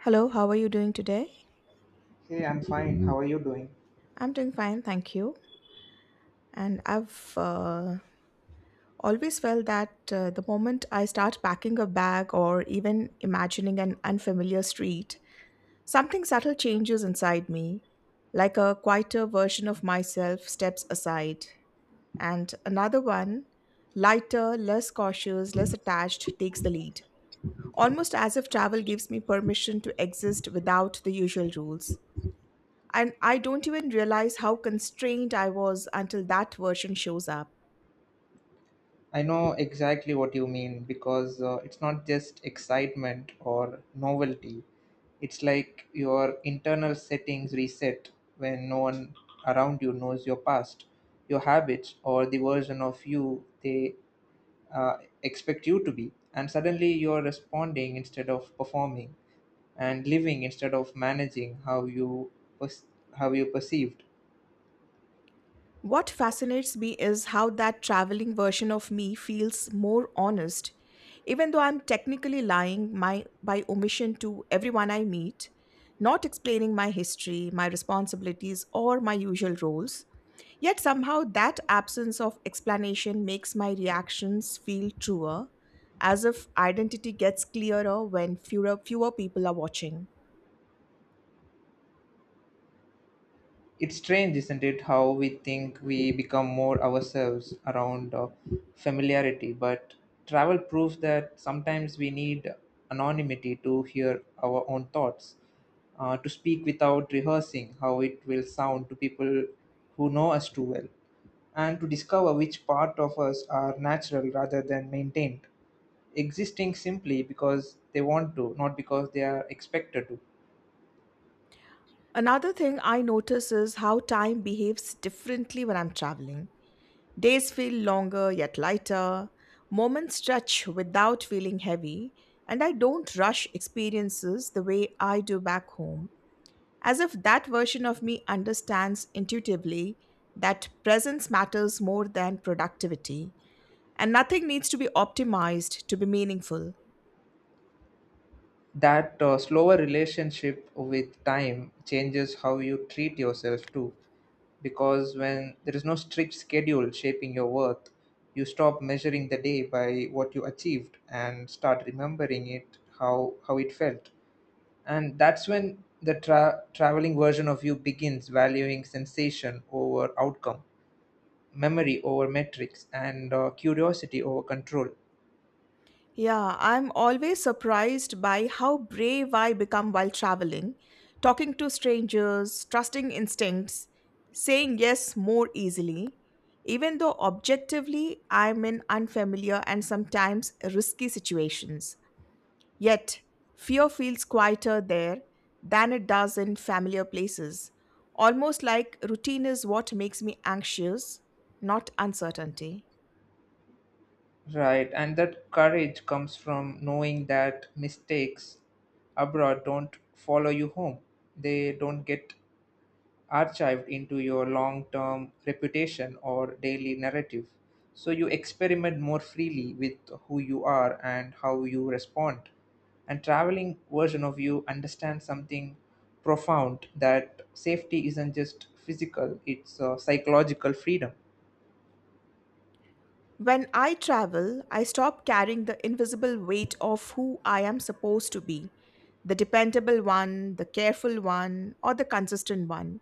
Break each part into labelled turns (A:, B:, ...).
A: Hello, how are you doing today?
B: Hey, I'm fine. How are you doing?
A: I'm doing fine, thank you. And I've always felt that the moment I start packing a bag or even imagining an unfamiliar street, something subtle changes inside me, like a quieter version of myself steps aside, and another one, lighter, less cautious, less attached, takes the lead. Almost as if travel gives me permission to exist without the usual rules. And I don't even realize how constrained I was until that version shows up.
B: I know exactly what you mean because it's not just excitement or novelty. It's like your internal settings reset when no one around you knows your past, your habits, or the version of you they uh, expect you to be. And suddenly you're responding instead of performing and living instead of managing how pers- how you perceived.
A: What fascinates me is how that traveling version of me feels more honest. Even though I'm technically by omission to everyone I meet, not explaining my history, my responsibilities, or my usual roles, yet somehow that absence of explanation makes my reactions feel truer, as if identity gets clearer when fewer people are watching.
B: It's strange, isn't it, how we think we become more ourselves around familiarity, but travel proves that sometimes we need anonymity to hear our own thoughts, to speak without rehearsing how it will sound to people who know us too well, and to discover which part of us are natural rather than maintained, existing simply because they want to, not because they are expected to.
A: Another thing I notice is how time behaves differently when I'm traveling. Days feel longer yet lighter, moments stretch without feeling heavy, and I don't rush experiences the way I do back home, as if that version of me understands intuitively that presence matters more than productivity. And nothing needs to be optimized to be meaningful.
B: That slower relationship with time changes how you treat yourself too, because when there is no strict schedule shaping your worth, you stop measuring the day by what you achieved and start remembering it how it felt. And that's when the traveling version of you begins valuing sensation over outcome, memory over metrics, and curiosity over control.
A: Yeah, I'm always surprised by how brave I become while traveling, talking to strangers, trusting instincts, saying yes more easily, even though objectively I'm in unfamiliar and sometimes risky situations. Yet, fear feels quieter there than it does in familiar places, almost like routine is what makes me anxious, not uncertainty.
B: Right, and that courage comes from knowing that mistakes abroad don't follow you home. They don't get archived into your long term reputation or daily narrative. So you experiment more freely with who you are and how you respond. And traveling version of you understands something profound, that safety isn't just physical, it's psychological freedom.
A: When I travel, I stop carrying the invisible weight of who I am supposed to be, the dependable one, the careful one, or the consistent one.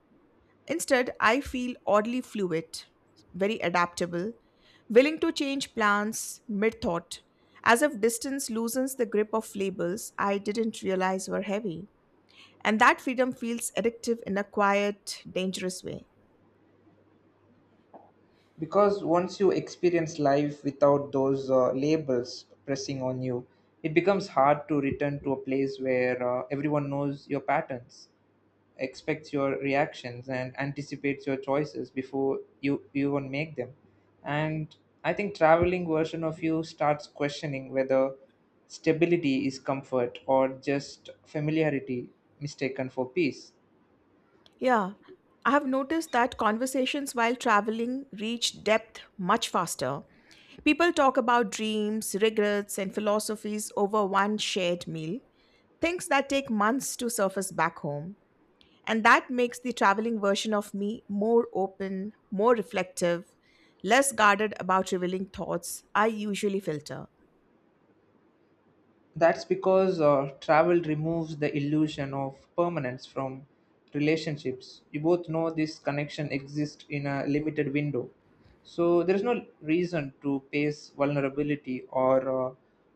A: Instead, I feel oddly fluid, very adaptable, willing to change plans mid thought, as if distance loosens the grip of labels I didn't realize were heavy. And that freedom feels addictive in a quiet, dangerous way.
B: Because once you experience life without those labels pressing on you, it becomes hard to return to a place where everyone knows your patterns, expects your reactions, and anticipates your choices before you even make them. And I think traveling version of you starts questioning whether stability is comfort or just familiarity mistaken for peace.
A: Yeah, I have noticed that conversations while traveling reach depth much faster. People talk about dreams, regrets, and philosophies over one shared meal, things that take months to surface back home. And that makes the traveling version of me more open, more reflective, less guarded about revealing thoughts I usually filter.
B: That's because travel removes the illusion of permanence from relationships. You both know this connection exists in a limited window. So there is no reason to pace vulnerability or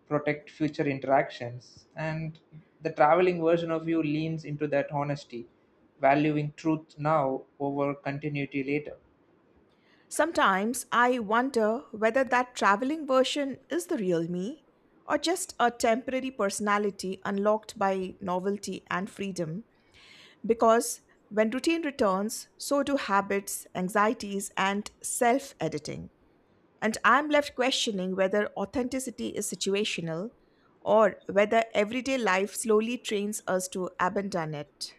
B: protect future interactions. And the traveling version of you leans into that honesty, valuing truth now over continuity later.
A: Sometimes I wonder whether that traveling version is the real me or just a temporary personality unlocked by novelty and freedom. Because when routine returns, so do habits, anxieties, and self editing. And I'm left questioning whether authenticity is situational or whether everyday life slowly trains us to abandon it.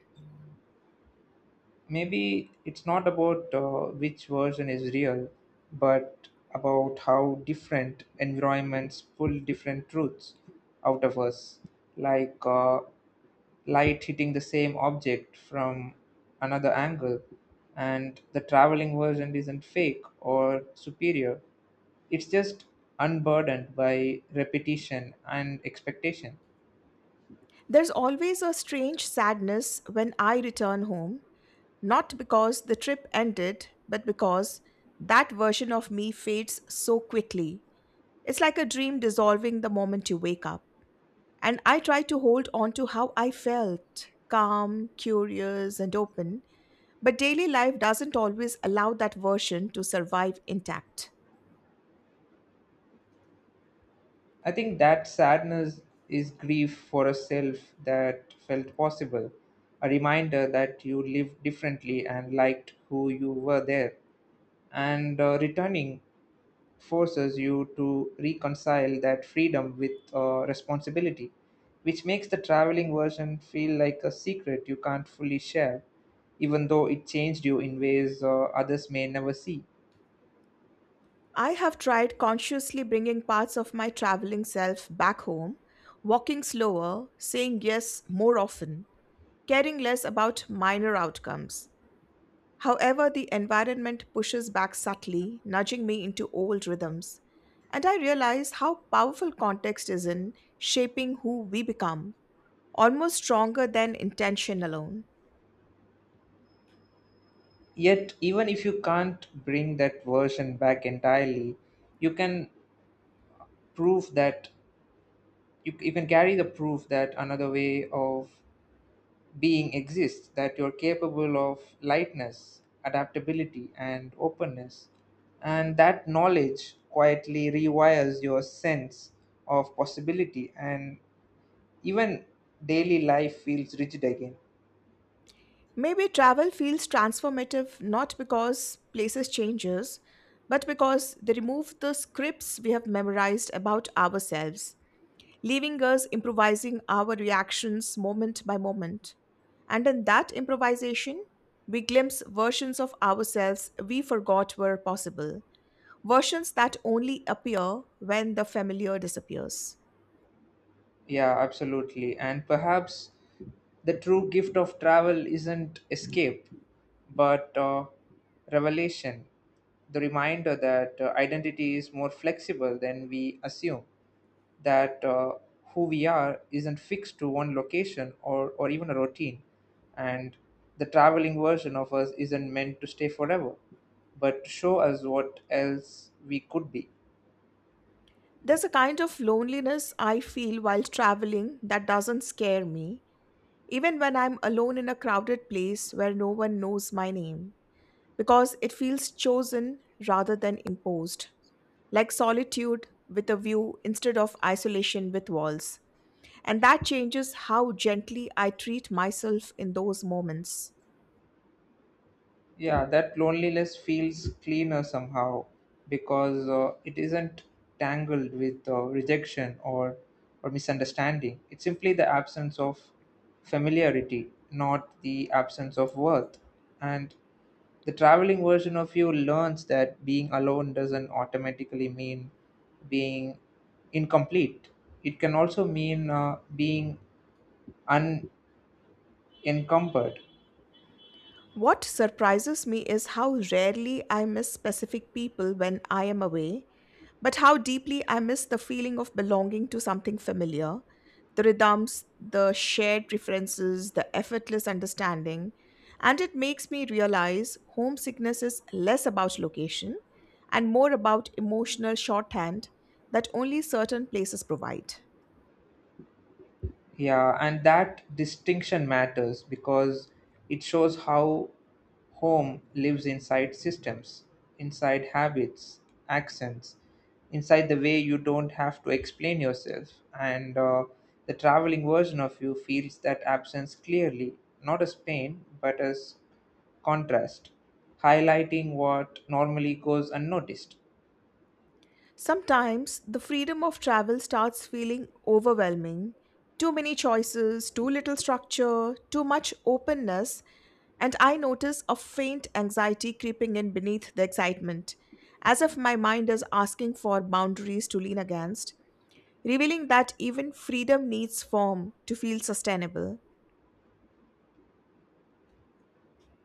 B: Maybe it's not about which version is real, but about how different environments pull different truths out of us, like light hitting the same object from another angle, and the traveling version isn't fake or superior, it's just unburdened by repetition and expectation.
A: There's always a strange sadness when I return home. Not because the trip ended, but because that version of me fades so quickly. It's like a dream dissolving the moment you wake up. And I try to hold on to how I felt calm, curious, and open. But daily life doesn't always allow that version to survive intact.
B: I think that sadness is grief for a self that felt possible, a reminder that you lived differently and liked who you were there. And returning forces you to reconcile that freedom with responsibility, which makes the traveling version feel like a secret you can't fully share, even though it changed you in ways others may never see.
A: I have tried consciously bringing parts of my traveling self back home, walking slower, saying yes more often, caring less about minor outcomes. However, the environment pushes back subtly, nudging me into old rhythms. And I realize how powerful context is in shaping who we become, almost stronger than intention alone.
B: Yet even if you can't bring that version back entirely, you can proof that you can carry the proof that another way of being exists, that you're capable of lightness, adaptability, and openness, and that knowledge quietly rewires your sense of possibility, and even daily life feels rigid again.
A: Maybe travel feels transformative not because places changes, but because they remove the scripts we have memorized about ourselves, leaving us improvising our reactions moment by moment. And in that improvisation, we glimpse versions of ourselves we forgot were possible, versions that only appear when the familiar disappears.
B: Yeah, absolutely. And perhaps the true gift of travel isn't escape, but revelation, the reminder that identity is more flexible than we assume, that who we are isn't fixed to one location or even a routine, and the traveling version of us isn't meant to stay forever, but to show us what else we could be.
A: There's a kind of loneliness I feel while traveling that doesn't scare me, even when I'm alone in a crowded place where no one knows my name, because it feels chosen rather than imposed, like solitude with a view instead of isolation with walls. And that changes how gently I treat myself in those moments.
B: Yeah, that loneliness feels cleaner somehow because it isn't tangled with rejection or misunderstanding. It's simply the absence of familiarity, not the absence of worth. And the traveling version of you learns that being alone doesn't automatically mean being incomplete. It can also mean being unencumbered.
A: What surprises me is how rarely I miss specific people when I am away, but how deeply I miss the feeling of belonging to something familiar, the rhythms, the shared preferences, the effortless understanding. And it makes me realize homesickness is less about location and more about emotional shorthand that only certain places provide.
B: Yeah, and that distinction matters because it shows how home lives inside systems, inside habits, accents, inside the way you don't have to explain yourself. And the traveling version of you feels that absence clearly, not as pain, but as contrast, highlighting what normally goes unnoticed.
A: Sometimes the freedom of travel starts feeling overwhelming. Too many choices, too little structure, too much openness, and I notice a faint anxiety creeping in beneath the excitement, as if my mind is asking for boundaries to lean against, revealing that even freedom needs form to feel sustainable.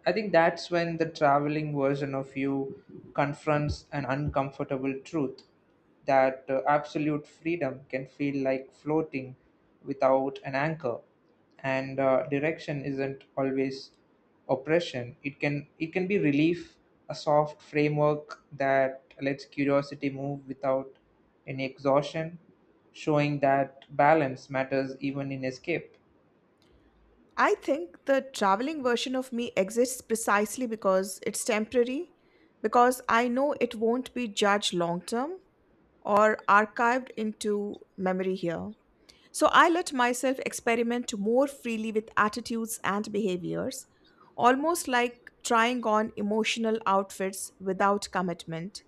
B: I think that's when the traveling version of you confronts an uncomfortable truth, that absolute freedom can feel like floating without an anchor, and direction isn't always oppression. It can be relief, a soft framework that lets curiosity move without any exhaustion, showing that balance matters even in escape.
A: I think the traveling version of me exists precisely because it's temporary, because I know it won't be judged long term or archived into memory here. So I let myself experiment more freely with attitudes and behaviors, almost like trying on emotional outfits without commitment.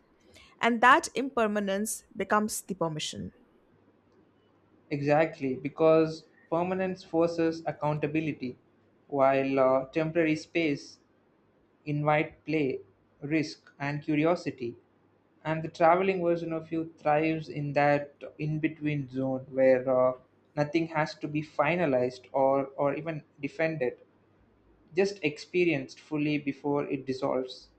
A: And that impermanence becomes the permission.
B: Exactly, because permanence forces accountability, while temporary space invite play, risk, and curiosity. And the traveling version of you thrives in that in between zone where nothing has to be finalized or even defended, just experienced fully before it dissolves.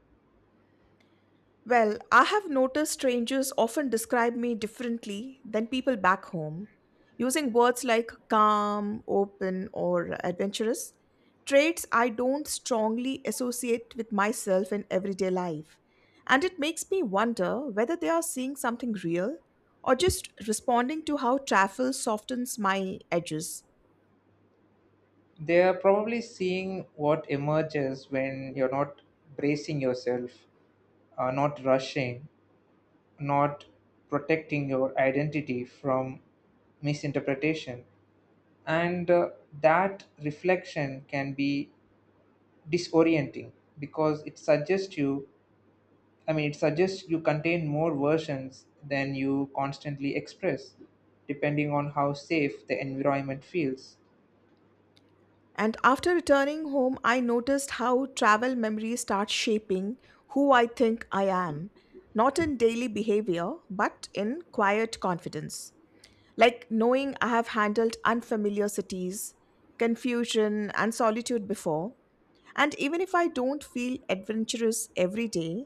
A: Well, I have noticed strangers often describe me differently than people back home, using words like calm, open, or adventurous, traits I don't strongly associate with myself in everyday life. And it makes me wonder whether they are seeing something real or just responding to how travel softens my edges.
B: They are probably seeing what emerges when you're not bracing yourself, not rushing, not protecting your identity from misinterpretation, and that reflection can be disorienting because it suggests you I mean it suggests you contain more versions than you constantly express, depending on how safe the environment feels.
A: And after returning home, I noticed how travel memories start shaping who I think I am, not in daily behavior, but in quiet confidence. Like knowing I have handled unfamiliar cities, confusion, and solitude before. And even if I don't feel adventurous every day,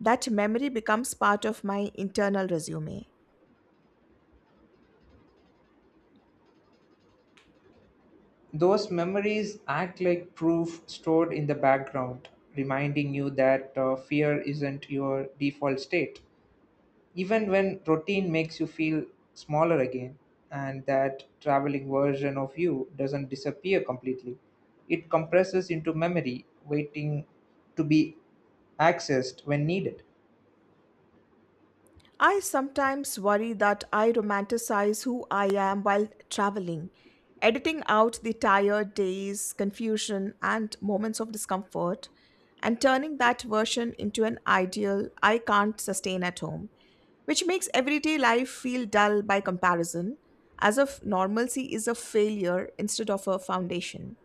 A: that memory becomes part of my internal resume.
B: Those memories act like proof stored in the background, reminding you that fear isn't your default state even when routine makes you feel smaller again, and that traveling version of you doesn't disappear completely, it compresses into memory waiting to be accessed when needed.
A: I sometimes worry that I romanticize who I am while traveling, editing out the tired days, confusion, and moments of discomfort, and turning that version into an ideal I can't sustain at home, which makes everyday life feel dull by comparison, as if normalcy is a failure instead of a foundation.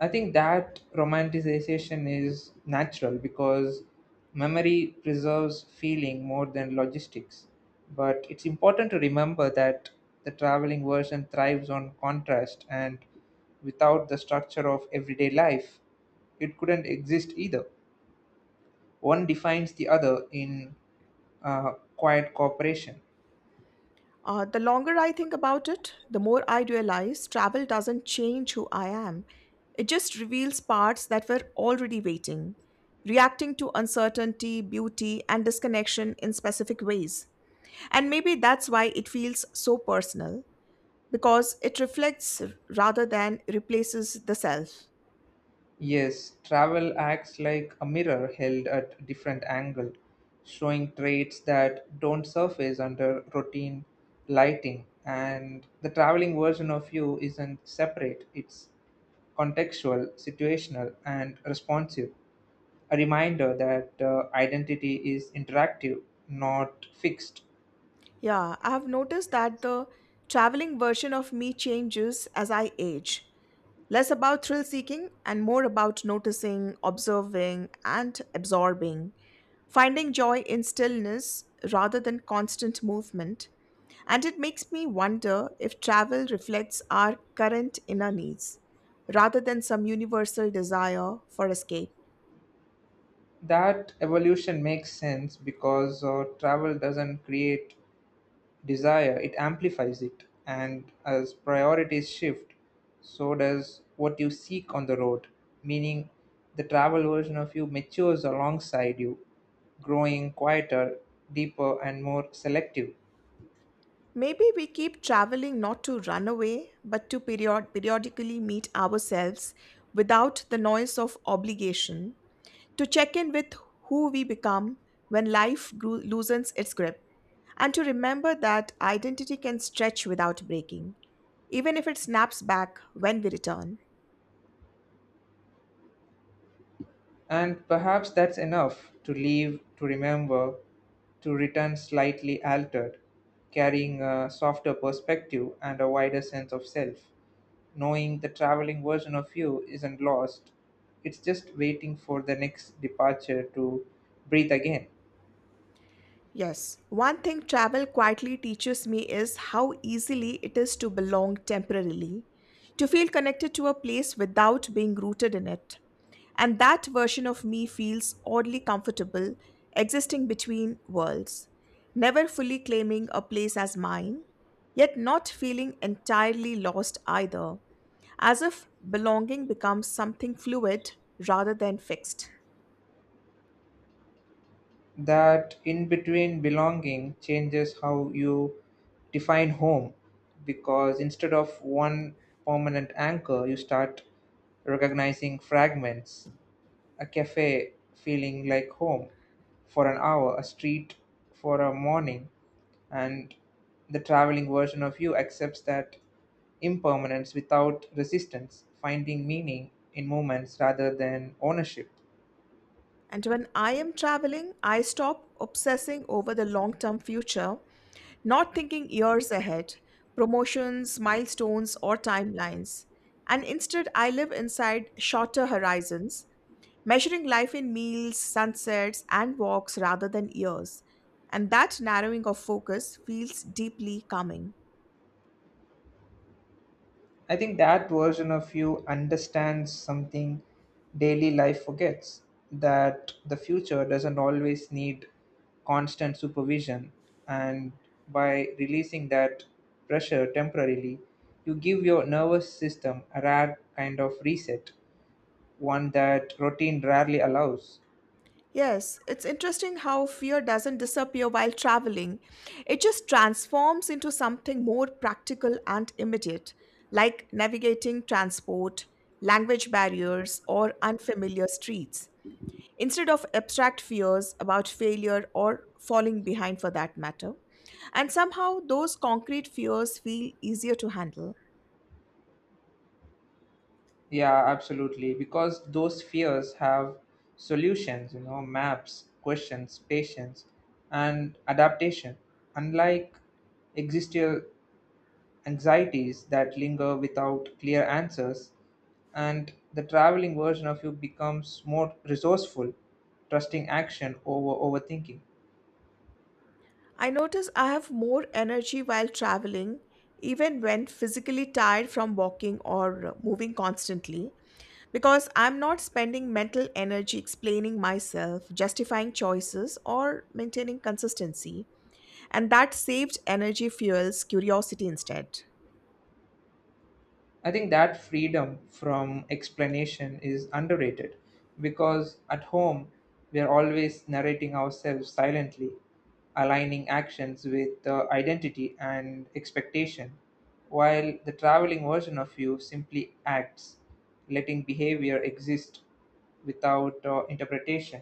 B: I think that romanticization is natural because memory preserves feeling more than logistics. But it's important to remember that the traveling version thrives on contrast, and without the structure of everyday life, it couldn't exist either. One defines the other in uh, quiet cooperation.
A: The longer I think about it, the more I realize travel doesn't change who I am. It just reveals parts that were already waiting, reacting to uncertainty, beauty, and disconnection in specific ways. And maybe that's why it feels so personal, because it reflects rather than replaces the self.
B: Yes, travel acts like a mirror held at different angle, showing traits that don't surface under routine lighting. And the traveling version of you isn't separate, it's contextual, situational, and responsive. A reminder that identity is interactive, not fixed.
A: Yeah, I have noticed that the traveling version of me changes as I age. Less about thrill seeking and more about noticing, observing, and absorbing, finding joy in stillness rather than constant movement. And it makes me wonder if travel reflects our current inner needs rather than some universal desire for escape.
B: That evolution makes sense because travel doesn't create desire, it amplifies it. And as priorities shift, so does what you seek on the road, meaning the travel version of you matures alongside you, growing quieter, deeper, and more selective.
A: Maybe we keep traveling not to run away, but to periodically meet ourselves without the noise of obligation, to check in with who we become when life loosens its grip, and to remember that identity can stretch without breaking, even if it snaps back when we return.
B: And perhaps that's enough to leave, to remember, to return slightly altered, carrying a softer perspective and a wider sense of self. Knowing the traveling version of you isn't lost, it's just waiting for the next departure to breathe again.
A: Yes, one thing travel quietly teaches me is how easily it is to belong temporarily, to feel connected to a place without being rooted in it. And that version of me feels oddly comfortable, existing between worlds, never fully claiming a place as mine, yet not feeling entirely lost either, as if belonging becomes something fluid rather than fixed.
B: That in between belonging changes how you define home, because instead of one permanent anchor, you start recognizing fragments, a cafe feeling like home for an hour, a street for a morning, and the traveling version of you accepts that impermanence without resistance, finding meaning in moments rather than ownership.
A: And when I am traveling, I stop obsessing over the long term future, not thinking years ahead, promotions, milestones, or timelines. And instead, I live inside shorter horizons, measuring life in meals, sunsets, and walks rather than years. And that narrowing of focus feels deeply calming.
B: I think that version of you understands something daily life forgets, that the future doesn't always need constant supervision. And by releasing that pressure temporarily, you give your nervous system a rare kind of reset, one that routine rarely allows.
A: Yes, it's interesting how fear doesn't disappear while traveling. It just transforms into something more practical and immediate, like navigating transport, language barriers, or unfamiliar streets. Instead of abstract fears about failure or falling behind for that matter. And somehow, those concrete fears feel easier to handle.
B: Yeah, absolutely. Because those fears have solutions, you know, maps, questions, patience, and adaptation. Unlike existential anxieties that linger without clear answers, and the traveling version of you becomes more resourceful, trusting action over overthinking.
A: I notice I have more energy while traveling, even when physically tired from walking or moving constantly, because I'm not spending mental energy explaining myself, justifying choices, or maintaining consistency. And that saved energy fuels curiosity instead.
B: I think that freedom from explanation is underrated, because at home we are always narrating ourselves silently, aligning actions with the identity and expectation, while the traveling version of you simply acts, letting behavior exist without interpretation.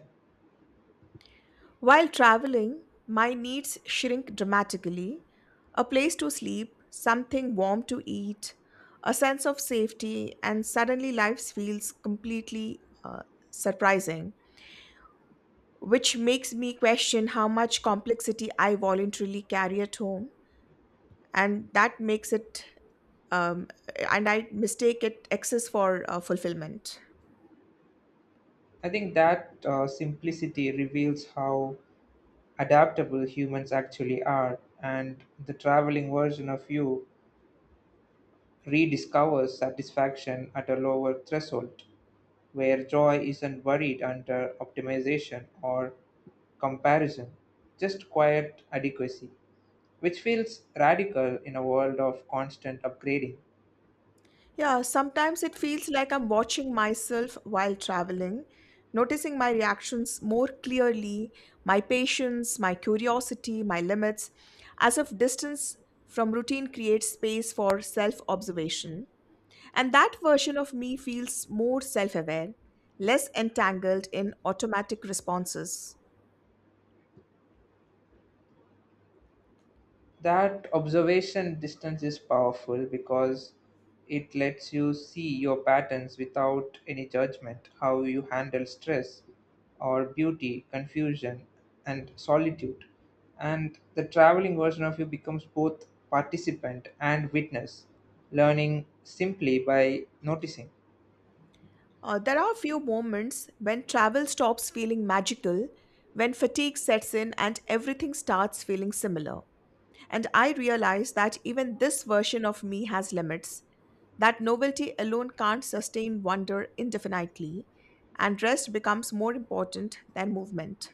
A: While traveling, my needs shrink dramatically. A place to sleep, something warm to eat, a sense of safety, and suddenly life feels completely surprising, which makes me question how much complexity I voluntarily carry at home. And that makes it, um, and I mistake it excess for fulfillment.
B: I think that simplicity reveals how adaptable humans actually are, and the traveling version of you rediscovers satisfaction at a lower threshold, where joy isn't buried under optimization or comparison, just quiet adequacy, which feels radical in a world of constant upgrading.
A: Yeah, sometimes it feels like I'm watching myself while traveling, noticing my reactions more clearly, my patience, my curiosity, my limits, as if distance from routine creates space for self observation. And that version of me feels more self aware, less entangled in automatic responses.
B: That observation distance is powerful because it lets you see your patterns without any judgment, how you handle stress or beauty, confusion, and solitude. And the traveling version of you becomes both participant and witness, learning simply by noticing.
A: There are a few moments when travel stops feeling magical, when fatigue sets in and everything starts feeling similar. And I realize that even this version of me has limits, that novelty alone can't sustain wonder indefinitely, and rest becomes more important than movement.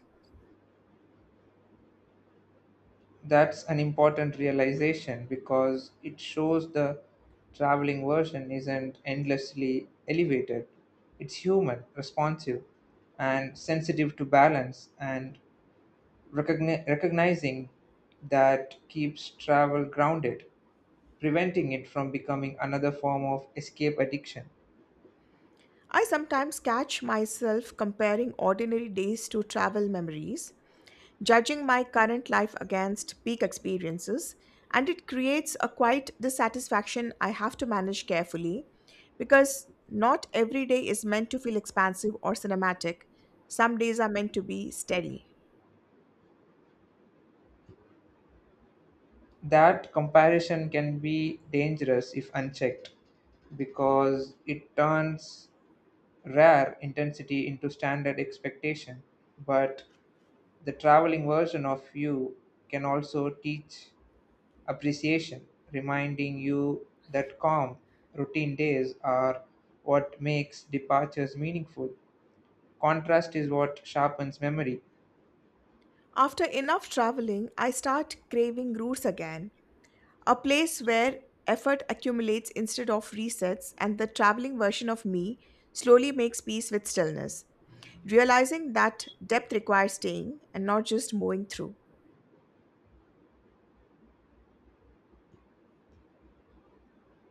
B: That's an important realization because it shows the traveling version isn't endlessly elevated. It's human, responsive, and sensitive to balance, and recognizing that keeps travel grounded, preventing it from becoming another form of escape addiction.
A: I sometimes catch myself comparing ordinary days to travel memories, judging my current life against peak experiences, and it creates a quiet dissatisfaction I have to manage carefully because not every day is meant to feel expansive or cinematic. Some days are meant to be steady.
B: That comparison can be dangerous if unchecked because it turns rare intensity into standard expectation, but the traveling version of you can also teach appreciation, reminding you that calm, routine days are what makes departures meaningful. Contrast is what sharpens memory.
A: After enough traveling, I start craving roots again, a place where effort accumulates instead of resets, and the traveling version of me slowly makes peace with stillness, realizing that depth requires staying and not just moving through.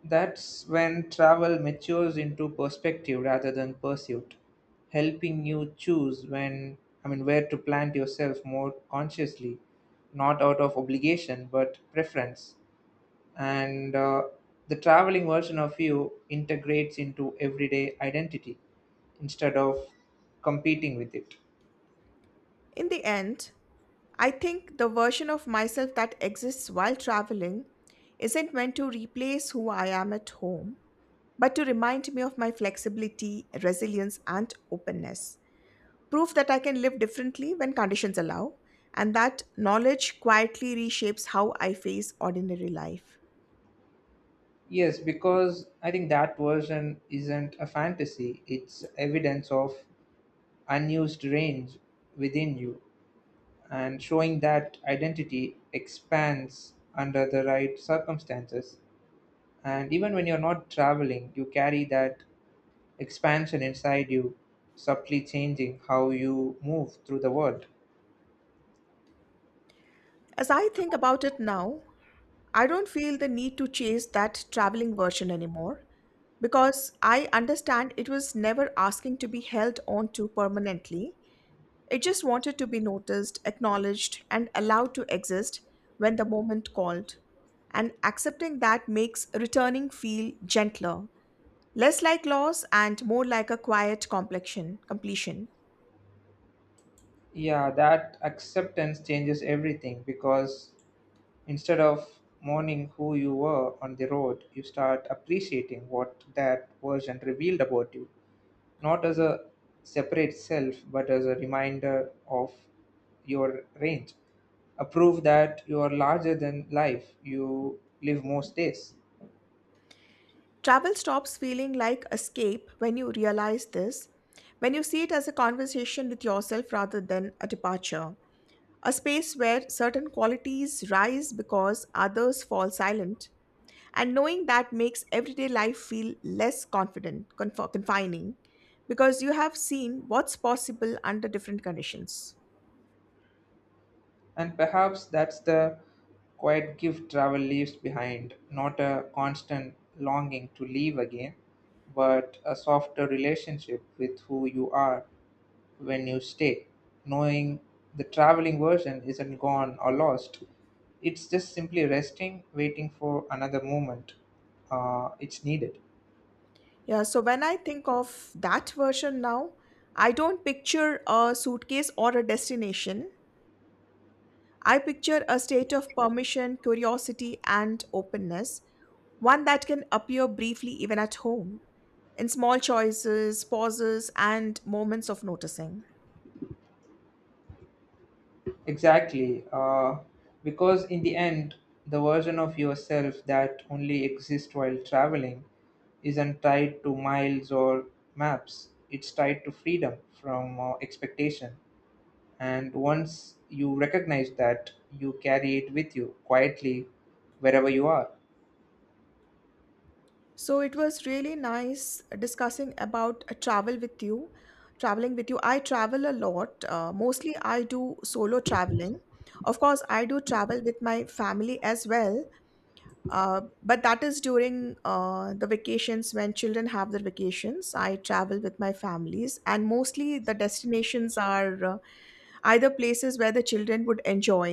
B: That's when travel matures into perspective rather than pursuit, helping you choose where to plant yourself more consciously, not out of obligation but preference. And the traveling version of you integrates into everyday identity instead of competing with it.
A: In the end, I think the version of myself that exists while traveling isn't meant to replace who I am at home, but to remind me of my flexibility, resilience, and openness. Proof that I can live differently when conditions allow, and that knowledge quietly reshapes how I face ordinary life.
B: Yes, because I think that version isn't a fantasy, it's evidence of unused range within you, and showing that identity expands under the right circumstances. And even when you're not traveling, you carry that expansion inside you, subtly changing how you move through the world.
A: As I think about it now, I don't feel the need to chase that traveling version anymore because I understand it was never asking to be held on to permanently. It just wanted to be noticed, acknowledged, and allowed to exist when the moment called. And accepting that makes returning feel gentler, less like loss and more like a quiet completion.
B: Yeah, that acceptance changes everything because instead of mourning who you were on the road, you start appreciating what that version revealed about you, not as a separate self, but as a reminder of your range. A proof that you are larger than life you live most days.
A: Travel stops feeling like escape when you realize this, when you see it as a conversation with yourself rather than a departure. A space where certain qualities rise because others fall silent, and knowing that makes everyday life feel less confining, because you have seen what's possible under different conditions.
B: And perhaps that's the quiet gift travel leaves behind, not a constant longing to leave again, but a softer relationship with who you are when you stay, knowing the traveling version isn't gone or lost. It's just simply resting, waiting for another moment. It's needed.
A: Yeah, so when I think of that version now, I don't picture a suitcase or a destination. I picture a state of permission, curiosity, and openness, one that can appear briefly even at home, in small choices, pauses, and moments of noticing.
B: Exactly. Because in the end, the version of yourself that only exists while traveling isn't tied to miles or maps. It's tied to freedom from expectation. And once you recognize that, you carry it with you quietly wherever you are.
A: So it was really nice discussing about a travel with you, traveling with you. I travel a lot. Mostly I do solo traveling. Of course, I do travel with my family as well, but that is during the vacations when children have their vacations. I travel with my families, and mostly the destinations are either places where the children would enjoy,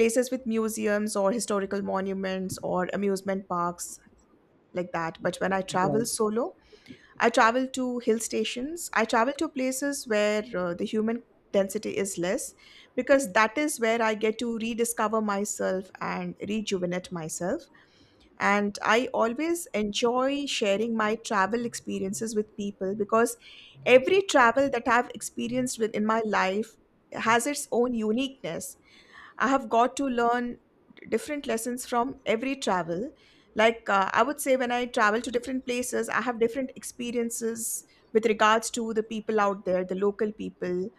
A: places with museums or historical monuments or amusement parks like that. But when I
B: Yeah.
A: travel solo, I travel to hill stations, I travel to places where the human density is less because that is where I get to rediscover myself and rejuvenate myself, and I always enjoy sharing my travel experiences with people because every travel that I've experienced with in my life has its own uniqueness. I have got to learn different lessons from every travel. I would say, when I travel to different places, I have different experiences with regards to the people out there, the local people,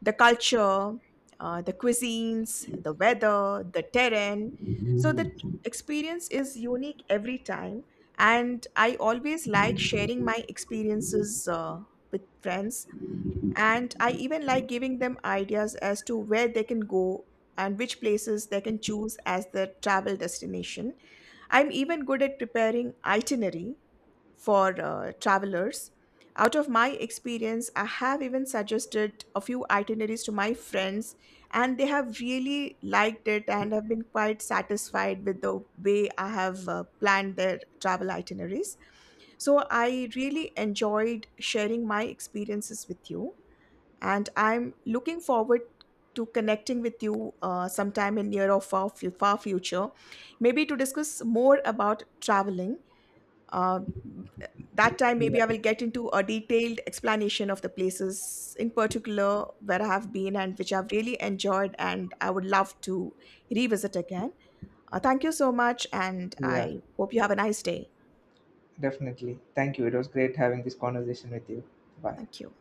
A: the culture, the cuisines, the weather, the terrain. So, the experience is unique every time. And I always like sharing my experiences with friends, and I even like giving them ideas as to where they can go and which places they can choose as their travel destination. I'm even good at preparing itinerary for travelers. Out of my experience, I have even suggested a few itineraries to my friends, and they have really liked it and have been quite satisfied with the way I have planned their travel itineraries. So, I really enjoyed sharing my experiences with you, and I'm looking forward to connecting with you sometime in near or far future, maybe to discuss more about traveling. uh, that time
B: Yeah,
A: maybe I will get into a detailed explanation of the places in particular where I have been and which I've really enjoyed and I would love to revisit again. Thank you so much and
B: yeah,
A: I hope you have a nice day.
B: definitely. Thank you. It was great having this conversation with you. Bye.
A: Thank you.